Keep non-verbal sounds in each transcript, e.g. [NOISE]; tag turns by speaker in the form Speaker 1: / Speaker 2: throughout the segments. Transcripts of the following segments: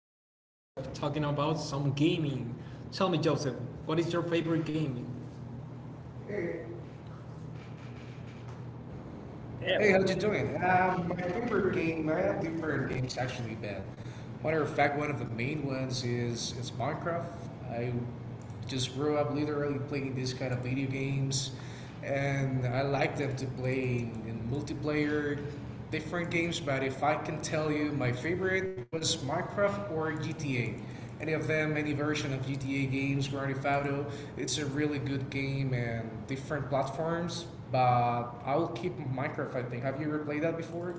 Speaker 1: friend Joseph talking about some gaming. Tell me, Joseph, what is your favorite game?
Speaker 2: Yeah. Hey, how's you doing? My favorite game, I have different games actually, but matter of fact, one of the main ones is it's Minecraft. I just grew up literally playing these kind of video games, and I like them to play in multiplayer, different games. But if I can tell you, my favorite was Minecraft or GTA any of them, any version of GTA games, Grand Theft Auto. It's a really good game and different platforms. But I will keep Minecraft, I think. Have you ever played that before?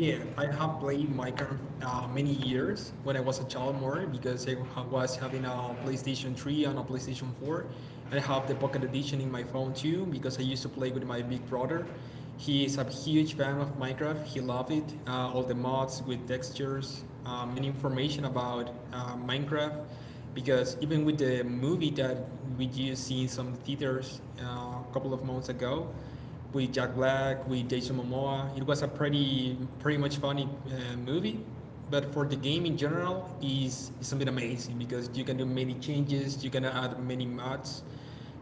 Speaker 2: Yeah, I
Speaker 1: I
Speaker 2: have
Speaker 1: have
Speaker 2: not
Speaker 1: played
Speaker 2: playing
Speaker 1: Minecraft
Speaker 2: Minecraft now
Speaker 1: many
Speaker 2: many years.
Speaker 1: years when I was a child, more because I was having a PlayStation 3 and a PlayStation 4. I have the Pocket Edition in my phone too because I used to play with my big brother. He is a huge fan of Minecraft. He loved it, all the mods with textures, many information about Minecraft. Because even with the movie that we just seen some theaters a couple of months ago, with Jack Black, with Jason Momoa. It was a pretty much funny movie. But for the game in general, is something amazing because you can do many changes, you can add many mods,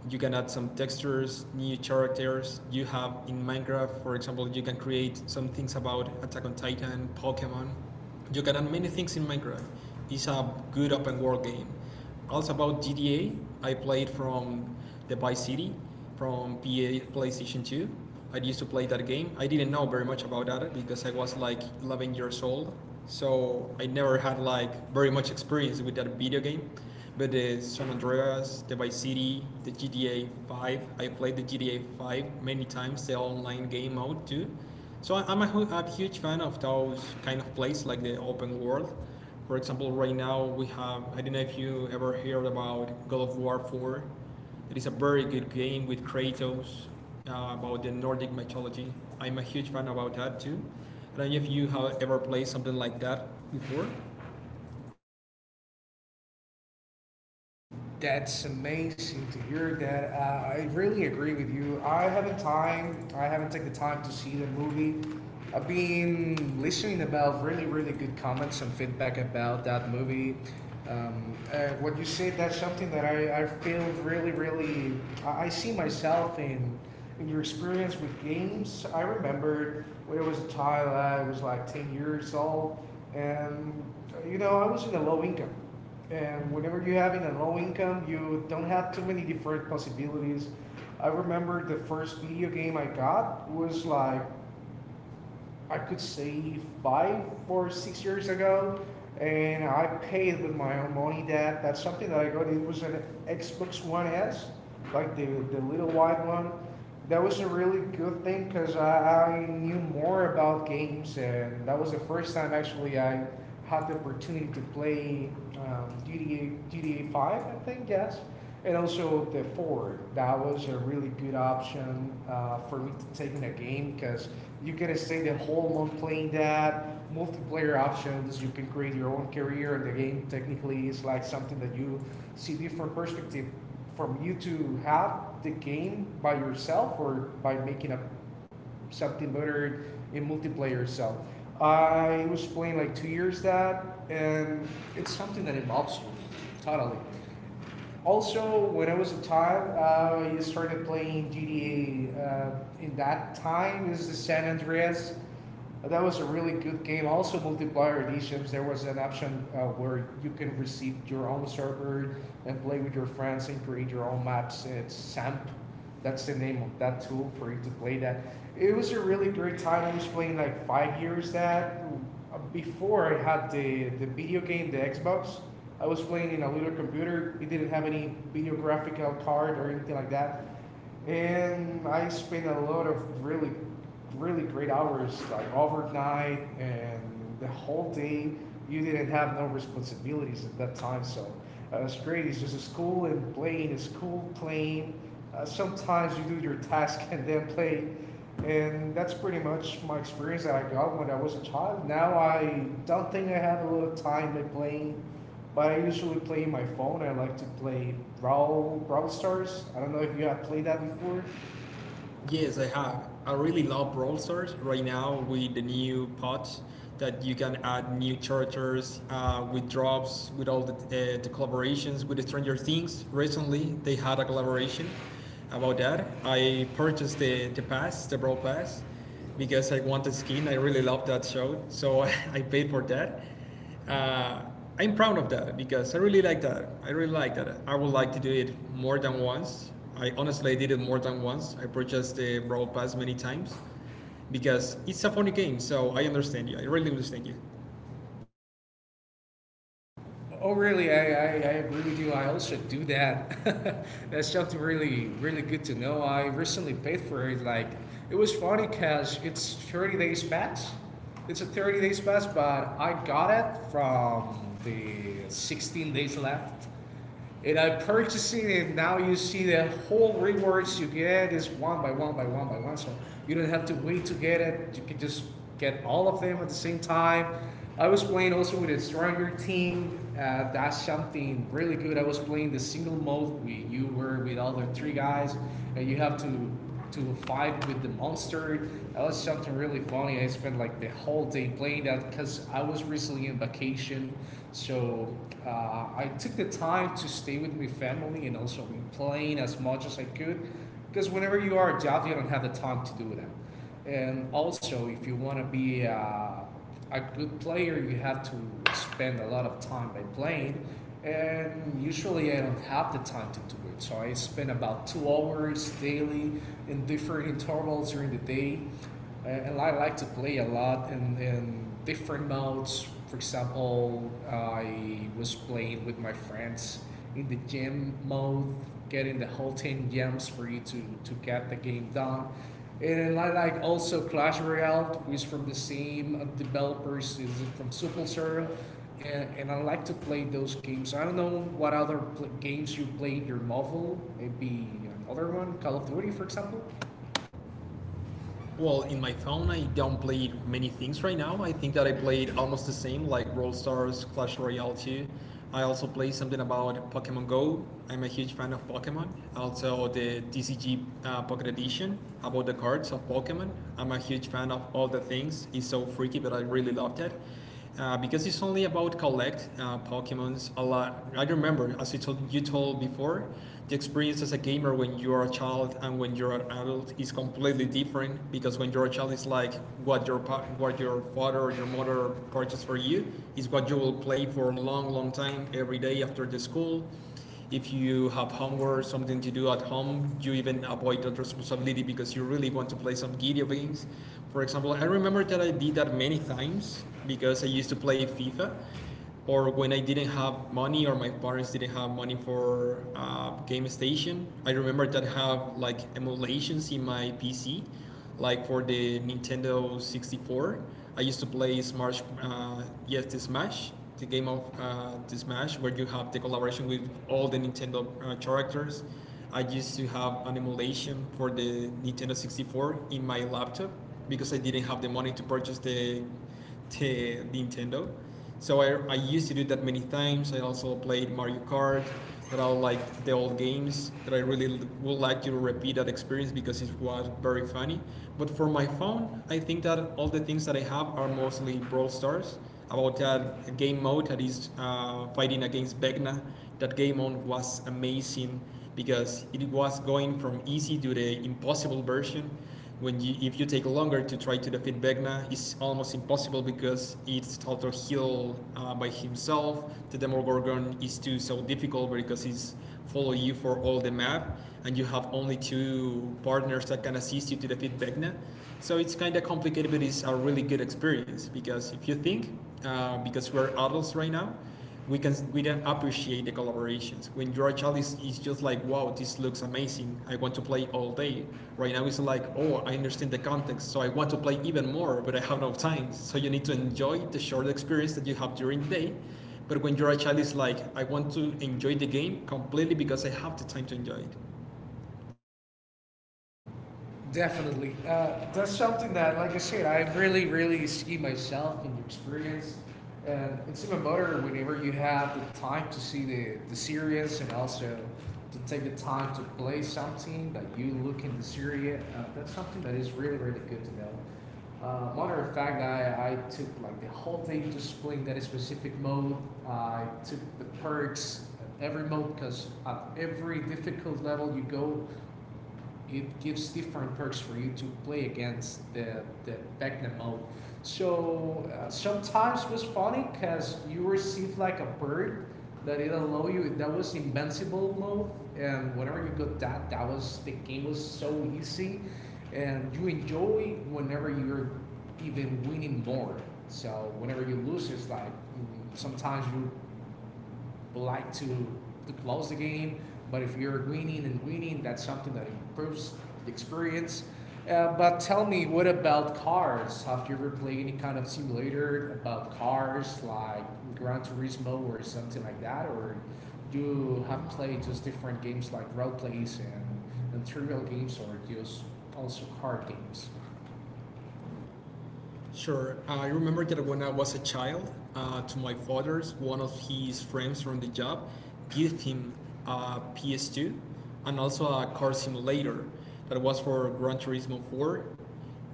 Speaker 1: you can add some textures, new characters. You have in Minecraft, for example, you can create some things about Attack on Titan, Pokemon. You can add many things in Minecraft. It's a good open world game. Also about GTA, I played from the Vice City from PA PlayStation 2. I used to play that game. I didn't know very much about that because I was like 11 years old, so I never had like very much experience with that video game. But the San Andreas, the Vice City, the GTA 5, I played the GTA 5 many times, the online game mode too, so am a, a huge fan of those kind of plays like the open world. For example, right now we have, I don't know if you ever heard about God of War 4. It is a very good game with Kratos, about the Nordic mythology. I'm a huge fan about that too. I don't know if you have ever played something like that before.
Speaker 2: That's amazing to hear that. I really agree with you. I haven't time. I haven't taken the time to see the movie. I've been listening about really, really good comments and feedback about that movie. What you said, that's something that I feel really, really. I see myself in your experience with games. I remembered when I was a child. I was like 10 years old, and you know I was in a low income, and whenever you're having a low income, you don't have too many different possibilities. I remember the first video game I got was like I could say 5 or 6 years ago, and I paid with my own money. That's something that I got. It was an Xbox One S, like the little white one. That was a really good thing because I knew more about games, and that was the first time actually I had the opportunity to play GTA Five, I think, yes, and also the Four. That was a really good option for me to take in a game, because you can stay the whole month playing that. Multiplayer options, you can create your own career in the game. Technically, it's like something that you see different perspective from you to have the game by yourself or by making up something better in multiplayer. So I was playing like 2 years that, and it's something that involves you totally. Also, when I was a time, I started playing GTA. In that time, is the San Andreas that was a really good game. Also, multiplayer editions. There was an option where you can receive your own server and play with your friends and create your own maps. It's SAMP. That's the name of that tool for you to play that. It was a really great time. I was playing like 5 years that. Before I had the video game, the Xbox, I was playing in a little computer. It didn't have any video graphical card or anything like that. And I spent a lot of really really great hours, like overnight and the whole day. You didn't have no responsibilities at that time, so it's great. It's just a school and playing, it's school playing. Sometimes you do your task and then play, and that's pretty much my experience that I got when I was a child. Now I don't think I have a lot of time in playing, but I usually play on my phone. I like to play Brawl Stars. I don't know if you have played that before.
Speaker 1: Yes,
Speaker 2: Yes.
Speaker 1: I have. I really love Brawl Stars right now with the new patch that you can add new characters, with drops, with all the collaborations with Stranger Things. Recently, they had a collaboration about that. I purchased the, pass, the Brawl Pass, because I want the skin. I really love that show, so [LAUGHS] I paid for that, uh, I'm proud of that because I really like that. I really like that. I would like to do it more than once. I honestly did it more than once. I purchased the Brawl Pass many times because it's a funny game, so I understand you. I really understand you.
Speaker 2: Oh, really? I agree with you. I also do that. [LAUGHS] That's something really, really good to know. I recently paid for it. Like, it was funny because it's 30 days pass. It's a 30 days pass, but I got it from the 16 days left. And I'm purchasing and now you see the whole rewards you get is one by one by one by one. So you don't have to wait to get it. You can just get all of them at the same time. I was playing also with a stronger team. That's something really good. I was playing the single mode. You were with all the three guys, and you have to fight with the monster. That was something really funny. I spent like the whole day playing that because I was recently on vacation. So I took the time to stay with my family and also been playing as much as I could. Because whenever you are a job, you don't have the time to do that. And also, if you want to be a good player, you have to spend a lot of time by playing. And usually I don't have the time to do it. So I spend about 2 hours daily in different intervals during the day. And I like to play a lot in different modes. For example, I was playing with my friends in the gym mode, getting the whole 10 gems for you to get the game done. And I like also Clash Royale, who is from the same developers, is from Supercell, and I like to play those games. I don't know what other games you played your mobile, maybe another one, Call of Duty, for example.
Speaker 1: Well, in my phone, I don't play many things right now. I think that I played almost the same, like Brawl Stars, Clash Royale 2. I also play something about Pokemon Go. I'm a huge fan of Pokemon. Also, the DCG, Pocket Edition about the cards of Pokemon. I'm a huge fan of all the things. It's so freaky, but I really loved it. Because it's only about collect, Pokemons a lot. I remember, as you told before, the experience as a gamer when you are a child and when you're an adult is completely different. Because when you're a child, it's like what your what your father or your mother purchased for you is what you will play for a long, long time every day after the school. If you have homework, something to do at home, you even avoid that responsibility because you really want to play some video games. For example, I remember that I did that many times because I used to play FIFA, or when I didn't have money or my parents didn't have money for a, game station. I remember that I have like emulations in my PC like for the Nintendo 64. I used to play Smash, yes, the Smash, the game of, the Smash, where you have the collaboration with all the Nintendo, characters. I used to have an emulation for the Nintendo 64 in my laptop because I didn't have the money to purchase the Nintendo. So I used to do that many times. I also played Mario Kart, that I like the old games, that I really would like to repeat that experience because it was very funny. But for my phone, I think that all the things that I have are mostly Brawl Stars. About that game mode that is, fighting against Vecna, that game mode was amazing because it was going from easy to the impossible version when you, if you take longer to try to defeat Vecna, it's almost impossible because it's Taltor Hill, by himself. The Demogorgon is too so difficult because he's follow you for all the map, and you have only two partners that can assist you to defeat Vecna. So it's kind of complicated, but it's a really good experience because if you think, because we're adults right now, we can appreciate the collaborations. When you're a child, it's just like, wow, this looks amazing. I want to play all day. Right now, it's like, oh, I understand the context, so I want to play even more, but I have no time. So you need to enjoy the short experience that you have during the day. But when you're a child, it's like, I want to enjoy the game completely because I have the time to enjoy it.
Speaker 2: Definitely. That's something that, like I said, I really, really see myself in your experience. And it's even better whenever you have the time to see the series and also to take the time to play something that you look in the series. That's something that is really, really good to know. Matter of fact, I took like the whole day just playing that specific mode. I took the perks at every mode, because at every difficult level you go, it gives different perks for you to play against the Beckman mode. So sometimes it was funny because you received like a bird that it allow you that was invincible mode, and whenever you got that, that was the game was so easy, and you enjoy whenever you're even winning more. So whenever you lose, it's like sometimes you like to close the game. But if you're winning and winning, that's something that improves the experience. But tell me, what about cars? Have you ever played any kind of simulator about cars, like Gran Turismo or something like that? Or do you have played just different games like role plays and trivial games, or just also card games?
Speaker 1: Sure. I remember that when I was a child, to my father's, one of his friends from the job gave him a PS2 and also a car simulator that was for Gran Turismo 4.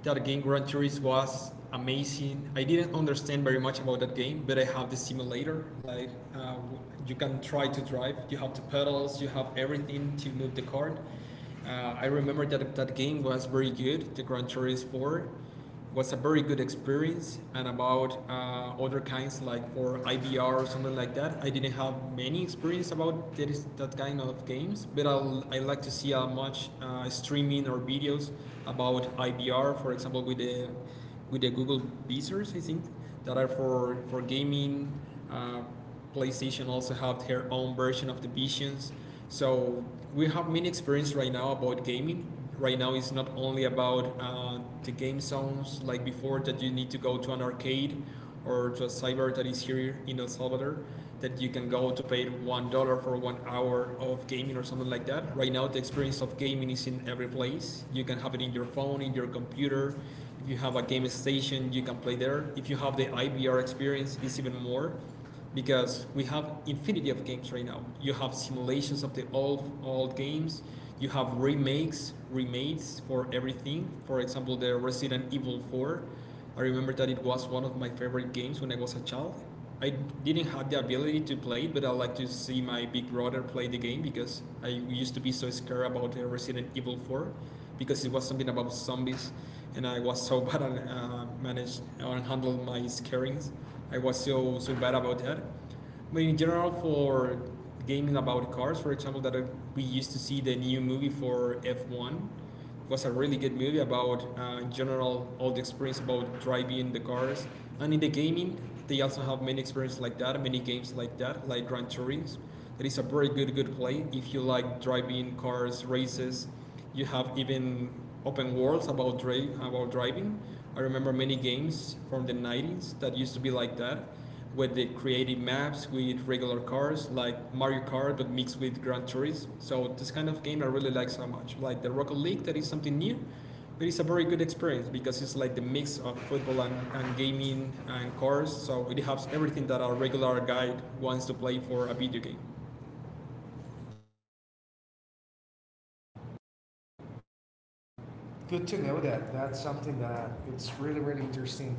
Speaker 1: That game, Gran Turismo, was amazing. I didn't understand very much about that game, but I have the simulator. Like, you can try to drive, you have the pedals, you have everything to move the car. I remember that that game was very good, the Gran Turismo 4 was a very good experience, and about other kinds like for IBR or something like that. I didn't have many experience about that kind of games, but I'll, I like to see how much, streaming or videos about IBR, for example, with the Google visors, I think that are for gaming. Uh, PlayStation also have their own version of the Visions. So we have many experience right now about gaming. Right now, it's not only about, the game zones like before that you need to go to an arcade or to a cyber that is here in El Salvador that you can go to pay $1 for 1 hour of gaming or something like that. Right now, the experience of gaming is in every place. You can have it in your phone, in your computer. If you have a game station, you can play there. If you have the IVR experience, it's even more because we have infinity of games right now. You have simulations of the old old games. You have remakes, remakes for everything. For example, the Resident Evil 4. I remember that it was one of my favorite games when I was a child. I didn't have the ability to play it, but I like to see my big brother play the game because I used to be so scared about, Resident Evil 4 because it was something about zombies and I was so [LAUGHS] bad at, manage or handle my scarings. I was so so bad about that. But in general, for gaming about cars, for example, that, we used to see the new movie for F1. It was a really good movie about, in general all the experience about driving the cars. And in the gaming, they also have many experiences like that, many games like that, like Gran Turismo. That is a very good play if you like driving cars, races. You have even open worlds about about driving. I remember many games from the 90s that used to be like that, with the creative maps with regular cars, like Mario Kart, but mixed with Gran Turismo. So this kind of game I really like so much. Like the Rocket League, that is something new, but it's a very good experience because it's like the mix of football and, gaming and cars. So it has everything that a regular guy wants to play for a video game.
Speaker 2: Good to know that. That's something that it's really really interesting.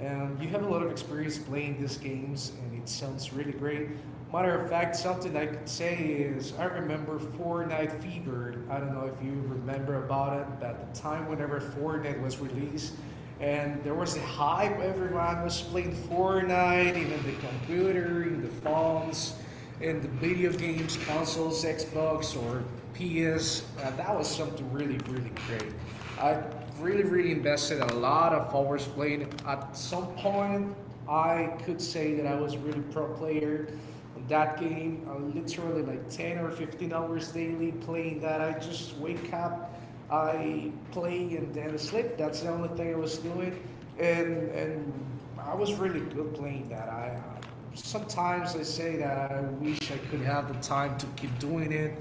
Speaker 2: And you have a lot of experience playing these games, and it sounds really great. Matter of fact, something I could say is I remember Fortnite Fever. I don't know if you remember about it, but at the time whenever Fortnite was released, and there was a hype, everyone was playing Fortnite, even the computer, in the phones in the video games, consoles, Xbox, or PS. That was something really, really great. I really, really invested a lot of hours playing. At some point, I could say that I was really pro player on that game. I literally like 10 or 15 hours daily playing that. I just wake up, I play and then sleep. That's the only thing I was doing. And I was really good playing that. I sometimes I say that I wish I could have the time to keep doing it,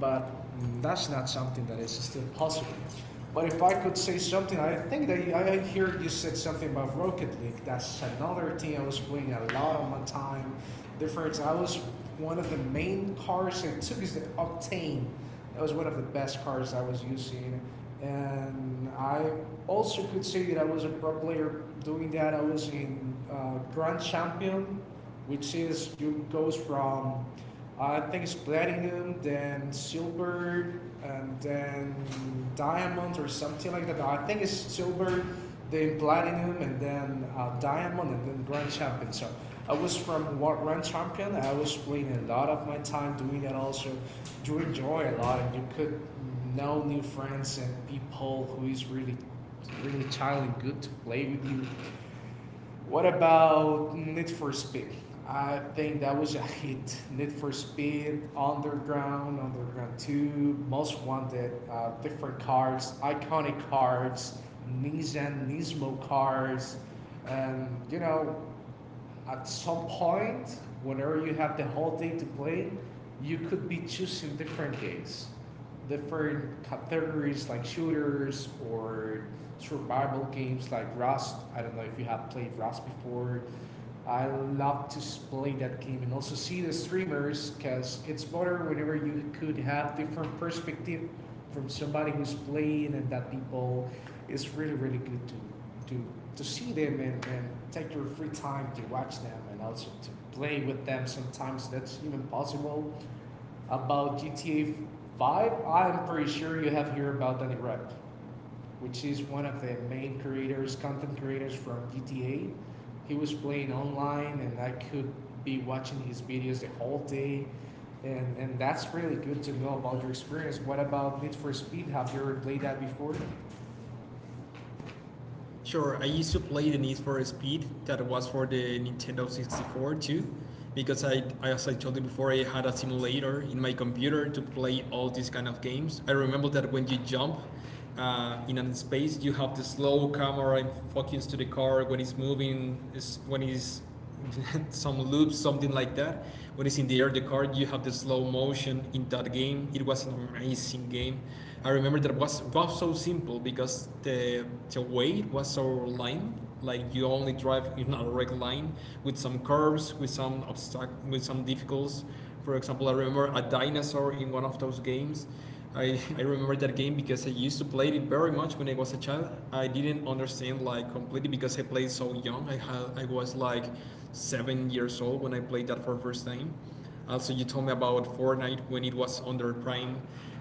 Speaker 2: but that's not something that is still possible. But if I could say something, I think that I hear you said something about Rocket League. That's another thing I was playing a lot of my time. Different. I was one of the main cars I took is the Octane. That was one of the best cars I was using, and I also could say that I was a pro player doing that. I was in Grand Champion, which is you goes from I think it's platinum, then silver, and then diamond or something like that. I think it's silver, then platinum, and then diamond, and then grand champion. So I was from grand champion. I was playing a lot of my time doing that. Also, you enjoy a lot, and you could know new friends and people who is really, really chill and good to play with you. What about Need for Speed? I think that was a hit. Need for Speed, Underground, Underground 2, Most Wanted, different cars, iconic cars, Nissan Nismo cars, and at some point, whenever you have the whole day to play, you could be choosing different games, different categories like shooters or survival games like Rust. I don't know if you have played Rust before. I love to play that game and also see the streamers, because it's better whenever you could have different perspective from somebody who's playing and that people. It's really really good to to see them and take your free time to watch them and also to play with them. Sometimes that's even possible. About GTA Five, I'm pretty sure you have heard about Danny Rep, which is one of the main creators, content creators from GTA. He was playing online, and I could be watching his videos the whole day. And that's really good to know about your experience. What about Need for Speed? Have you ever played that before?
Speaker 1: Sure, I used to play the Need for Speed that was for the Nintendo 64 too, because as I told you before, I had a simulator in my computer to play all these kind of games. I remember that when you jump, in a space, you have the slow camera and focus to the car when it's moving, is when it's [LAUGHS] some loops, something like that. When it's in the air, the card, you have the slow motion in that game. It was an amazing game. I remember that was so simple because the weight was so line. Like you only drive in a direct line with some curves, with some obstac- with some difficulties. For example, I remember a dinosaur in one of those games. I remember that game because I used to play it very much when I was a child. I didn't understand like completely because I played so young. I was like 7 years old when I played that for first time. Also, you told me about Fortnite when it was under Prime,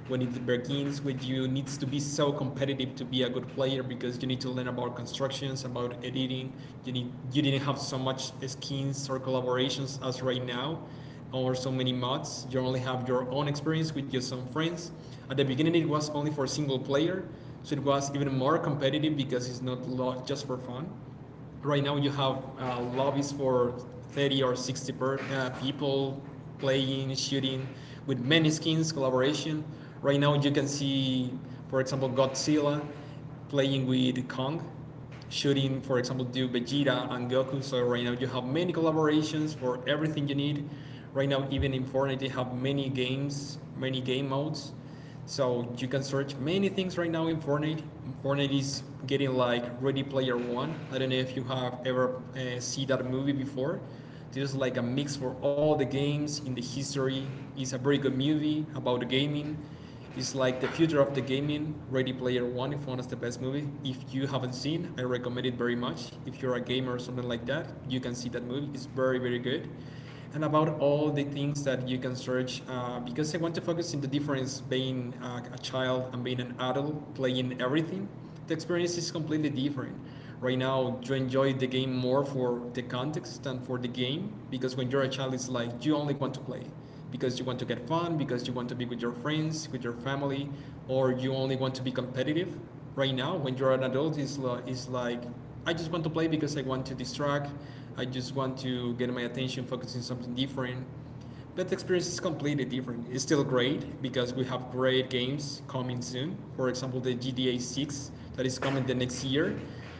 Speaker 1: when it begins with you needs to be so competitive to be a good player because you need to learn about constructions, about editing. You didn't have so much skins or collaborations as right now or so many mods. You only have your own experience with just some friends. At the beginning, it was only for single player, so it was even more competitive because it's not just for fun. Right now you have lobbies for 30 or 60 per, people playing, shooting with many skins collaboration. Right now you can see, for example, Godzilla playing with Kong, shooting, for example, do Vegeta and Goku. So right now you have many collaborations for everything you need. Right now, even in Fortnite, they have many games, many game modes, so you can search many things right now in Fortnite. Fortnite is getting like Ready Player One. I don't know if you have ever seen that movie before. This is like a mix for all the games in the history. It's a very good movie about the gaming. It's like the future of the gaming. Ready Player One, if one is the best movie. If you haven't seen, I recommend it very much. If you're a gamer or something like that, you can see that movie. It's very very good, and about all the things that you can search because I want to focus on the difference being a child and being an adult playing everything. The experience is completely different. Right now, you enjoy the game more for the context than for the game, because when you're a child, it's like you only want to play because you want to get fun, because you want to be with your friends, with your family, or you only want to be competitive. Right now, when you're an adult, it's, it's like, I just want to play because I want to distract, I just want to get my attention focusing on something different. But the experience is completely different. It's still great because we have great games coming soon. For example, the GTA 6 that is coming the next year.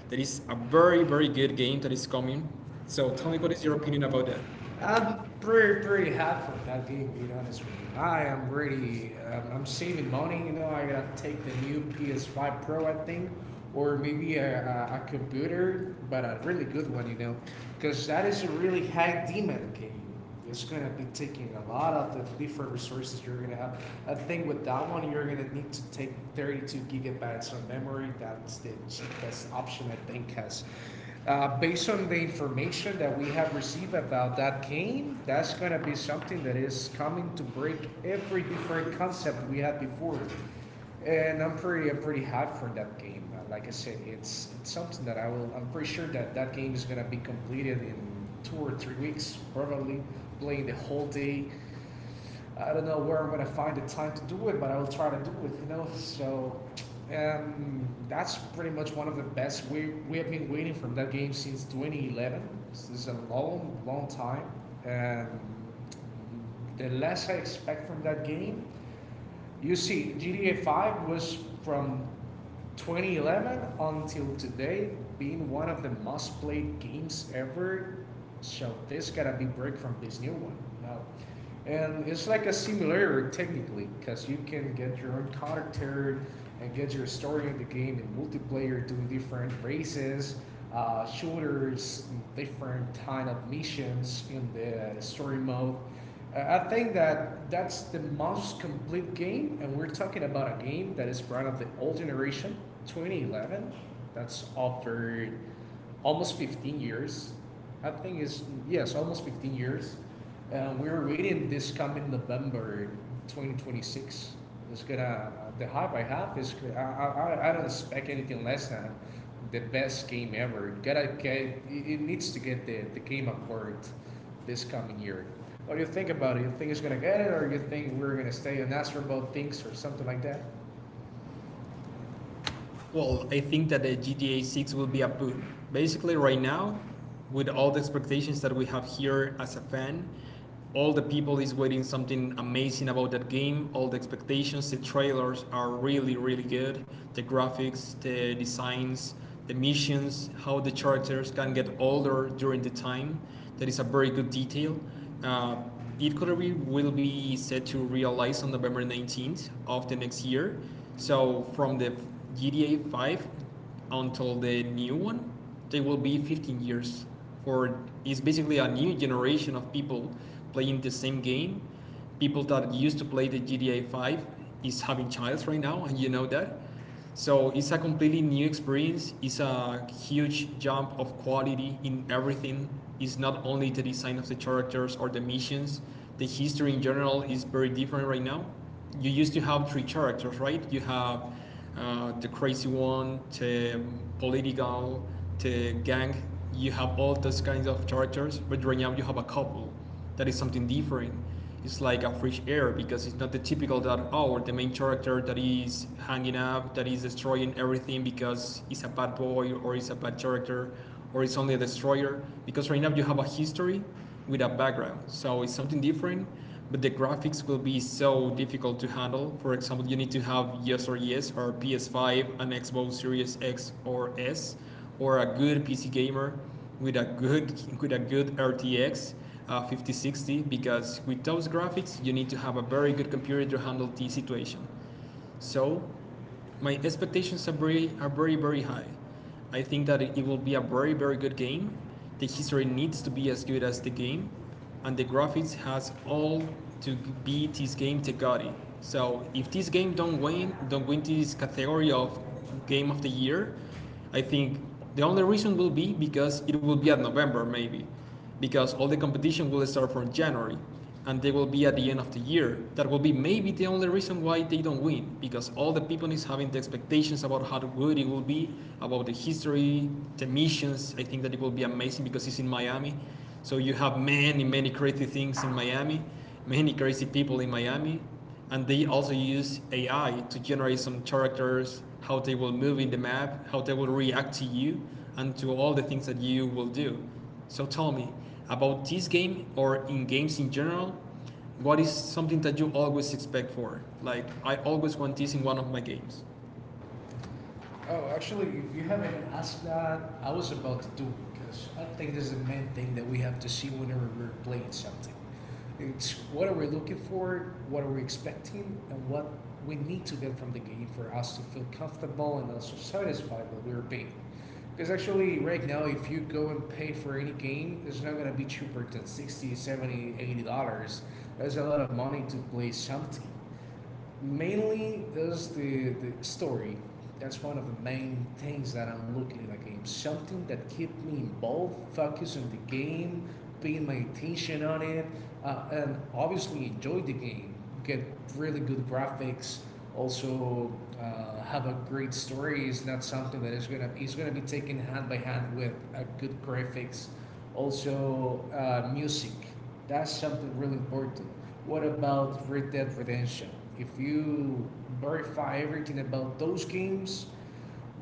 Speaker 1: That is a very, very good game that is coming. So tell me, what is your opinion about that?
Speaker 2: I'm pretty happy with that game. Being honest with you, I am really I'm saving money. You know, I gotta take the new PS5 Pro, I think, or maybe a computer, but a really good one. You know, because that is a really high demand game. It's gonna be taking a lot of the different resources you're gonna have. I think with that one, you're gonna need to take 32 gigabytes of memory. That's the cheapest option I think has. Based on the information that we have received about that game, that's gonna be something that is coming to break every different concept we had before, and I'm pretty hot for that game. Like I said, it's something that I will. I'm pretty sure that that game is gonna be completed in 2 or 3 weeks, probably playing the whole day. I don't know where I'm gonna find the time to do it, but I will try to do it. You know, so. That's pretty much one of the best. We have been waiting from that game since 2011. This is a long, long time, and the less I expect from that game, you see, GTA 5 was from 2011 until today being one of the must played games ever. So this gotta be break from this new one. No. And it's like a simulator technically, because you can get your own character and get your story of the game in multiplayer, doing different races, shooters, different kind of missions in the story mode. I think that that's the most complete game, and we're talking about a game that is part of the old generation, 2011. That's offered almost 15 years. I think it's yes, almost 15 years. We were waiting this coming November 2026. It's gonna the hype I have is I don't expect anything less than the best game ever. It gotta get, it needs to get the game award this coming year. What do you think about it? You think it's gonna get it, or you think we're gonna stay on Astro Bot things or something like that?
Speaker 1: Well, I think that the GTA 6 will be a boom. Basically, right now, with all the expectations that we have here as a fan, all the people is waiting something amazing about that game. All the expectations, the trailers are really, really good. The graphics, the designs, the missions, how the characters can get older during the time. That is a very good detail. Uh, Eatcuttery will be set to realize on November 19th of the next year. So from the GTA 5 until the new one, they will be 15 years. For it's basically a new generation of people playing the same game. People that used to play the GTA 5 is having childs right now, and you know that. So it's a completely new experience. It's a huge jump of quality in everything. It's not only the design of the characters or the missions. The history in general is very different right now. You used to have three characters, right? You have the crazy one, the political, the gang. You have all those kinds of characters, but right now you have a couple that is something different. It's like a fresh air because it's not the typical that, oh, the main character that is hanging up, that is destroying everything because he's a bad boy or he's a bad character or he's only a destroyer. Because right now you have a history with a background, so it's something different. But the graphics will be so difficult to handle. For example, you need to have yes or yes or PS5, an Xbox Series X or S, or a good PC gamer with a good with a good RTX 5060, because with those graphics you need to have a very good computer to handle the situation. So my expectations are very very high. I think that it will be a very very good game. The history needs to be as good as the game, and the graphics has all to be this game Tegati. So if this game don't win this category of game of the year, I think the only reason will be because it will be at November maybe, because all the competition will start from January, and they will be at the end of the year. That will be maybe the only reason why they don't win, because all the people is having the expectations about how good it will be, about the history, the missions. I think that it will be amazing because it's in Miami, so you have many many crazy things in Miami, many crazy people in Miami, and they also use AI to generate some characters, how they will move in the map, how they will react to you, and to all the things that you will do. So tell me about this game or in games in general. What is something that you always expect for? Like, I always want this in one of my games.
Speaker 2: Oh, actually, if you haven't asked that, I was about to do it because I think this is the main thing that we have to see whenever we're playing something. It's what are we looking for, what are we expecting, and what we need to get from the game for us to feel comfortable and also satisfied what we're paying. Because actually, right now, if you go and pay for any game, it's not going to be cheaper than 60, 70, $80. That's a lot of money to play something mainly is the story. That's one of the main things that I'm looking at a game. Something that keep me involved, focus on the game, paying my attention on it, and obviously enjoy the game. Get really good graphics. Also have a great story. It's not something that is gonna be taken hand by hand with a good graphics, also music. That's something really important. What about Red Dead Redemption? If you verify everything about those games,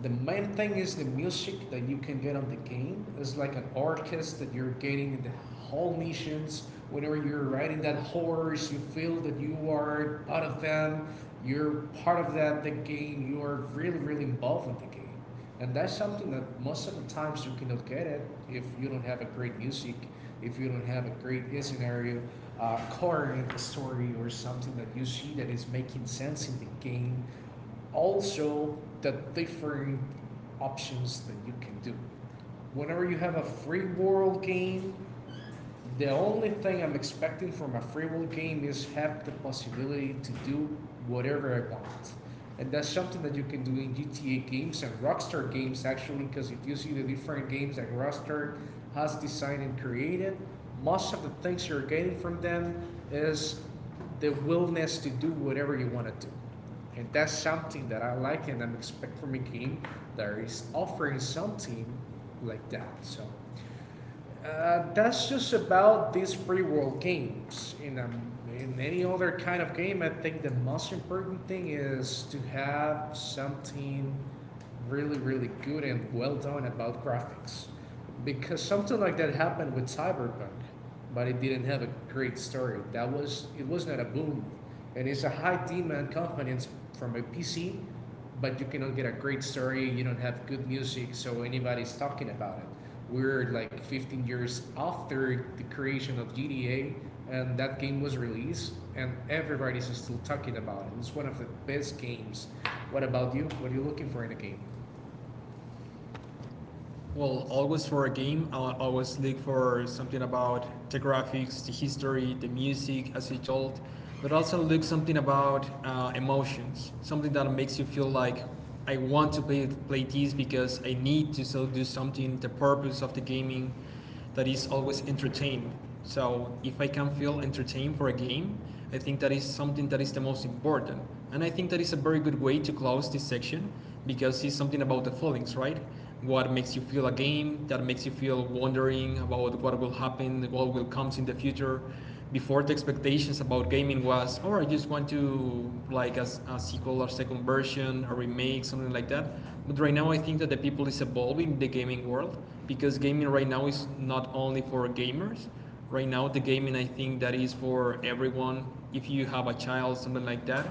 Speaker 2: the main thing is the music that you can get on the game. It's like an orchestra that you're getting in the whole missions. Whenever you're riding that horse, you feel that you are part of them. You're part of that the game. You are really, really involved in the game, and that's something that most of the times you cannot get it if you don't have a great music, if you don't have a great scenario, core in the story or something that you see that is making sense in the game, also the different options that you can do whenever you have a free world game. The only thing I'm expecting from a free will game is have the possibility to do whatever I want. And that's something that you can do in GTA games and Rockstar games actually, because if you see the different games that Rockstar has designed and created, most of the things you're getting from them is the willingness to do whatever you want to do. And that's something that I like and I'm expecting from a game that is offering something like that. So that's just about these free world games. In in any other kind of game, I think the most important thing is to have something really, really good and well done about graphics, because something like that happened with Cyberpunk, but it didn't have a great story. That was, it was not a boom, and it's a high demand company from a PC, but you cannot get a great story. You don't have good music, so anybody's talking about it. We're like 15 years after the creation of GTA, and that game was released, and everybody's still talking about it. It's one of the best games. What about you? What are you looking for in a game?
Speaker 1: Well, always for a game, I always look for something about the graphics, the history, the music, as you told, but also look something about emotions, something that makes you feel like I want to play this because I need to so do something, the purpose of the gaming that is always entertained. So if I can feel entertained for a game, I think that is something that is the most important. And I think that is a very good way to close this section because it's something about the feelings, right? What makes you feel a game, that makes you feel wondering about what will happen, what will come in the future. Before, the expectations about gaming was, oh, I just want to like a sequel or second version, a remake, something like that. But right now, I think that the people is evolving the gaming world, because gaming right now is not only for gamers. Right now, the gaming I think that is for everyone. If you have a child, something like that,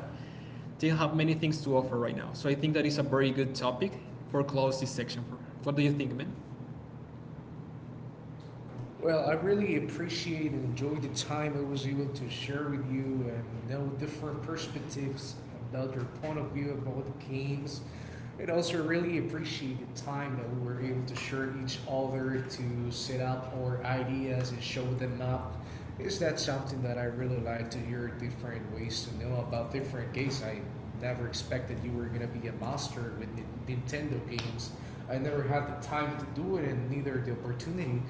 Speaker 1: they have many things to offer right now. So I think that is a very good topic for close this section. For what do you think, man?
Speaker 2: Well, I really appreciate and enjoy the time I was able to share with you and know different perspectives about your point of view about the games. And also really appreciate the time that we were able to share each other to set up our ideas and show them up is that something that I really like to hear different ways to know about different games. I never expected you were gonna be a master with Nintendo games. I never had the time to do it and neither the opportunity.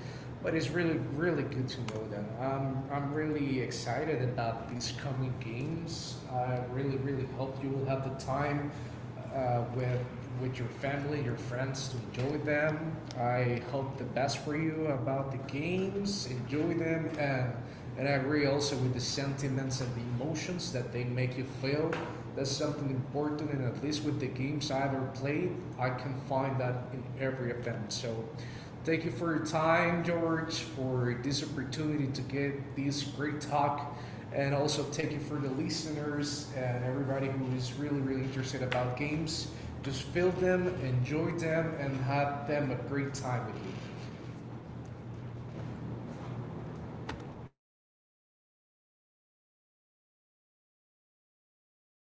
Speaker 2: But it's really, really good to know that. I'm really excited about these coming games. I really, really hope you will have the time with your family, your friends to enjoy them. I hope the best for you about the games. Enjoy them, and I agree also with the sentiments and the emotions that they make you feel. That's something important, and at least with the games I ever played, I can find that in every of them. So, thank you for your time, George, for this opportunity to get this great talk and also take you through the listeners and everybody who is really, really interested about games. Just feel them, enjoy them, and have them a great time with you.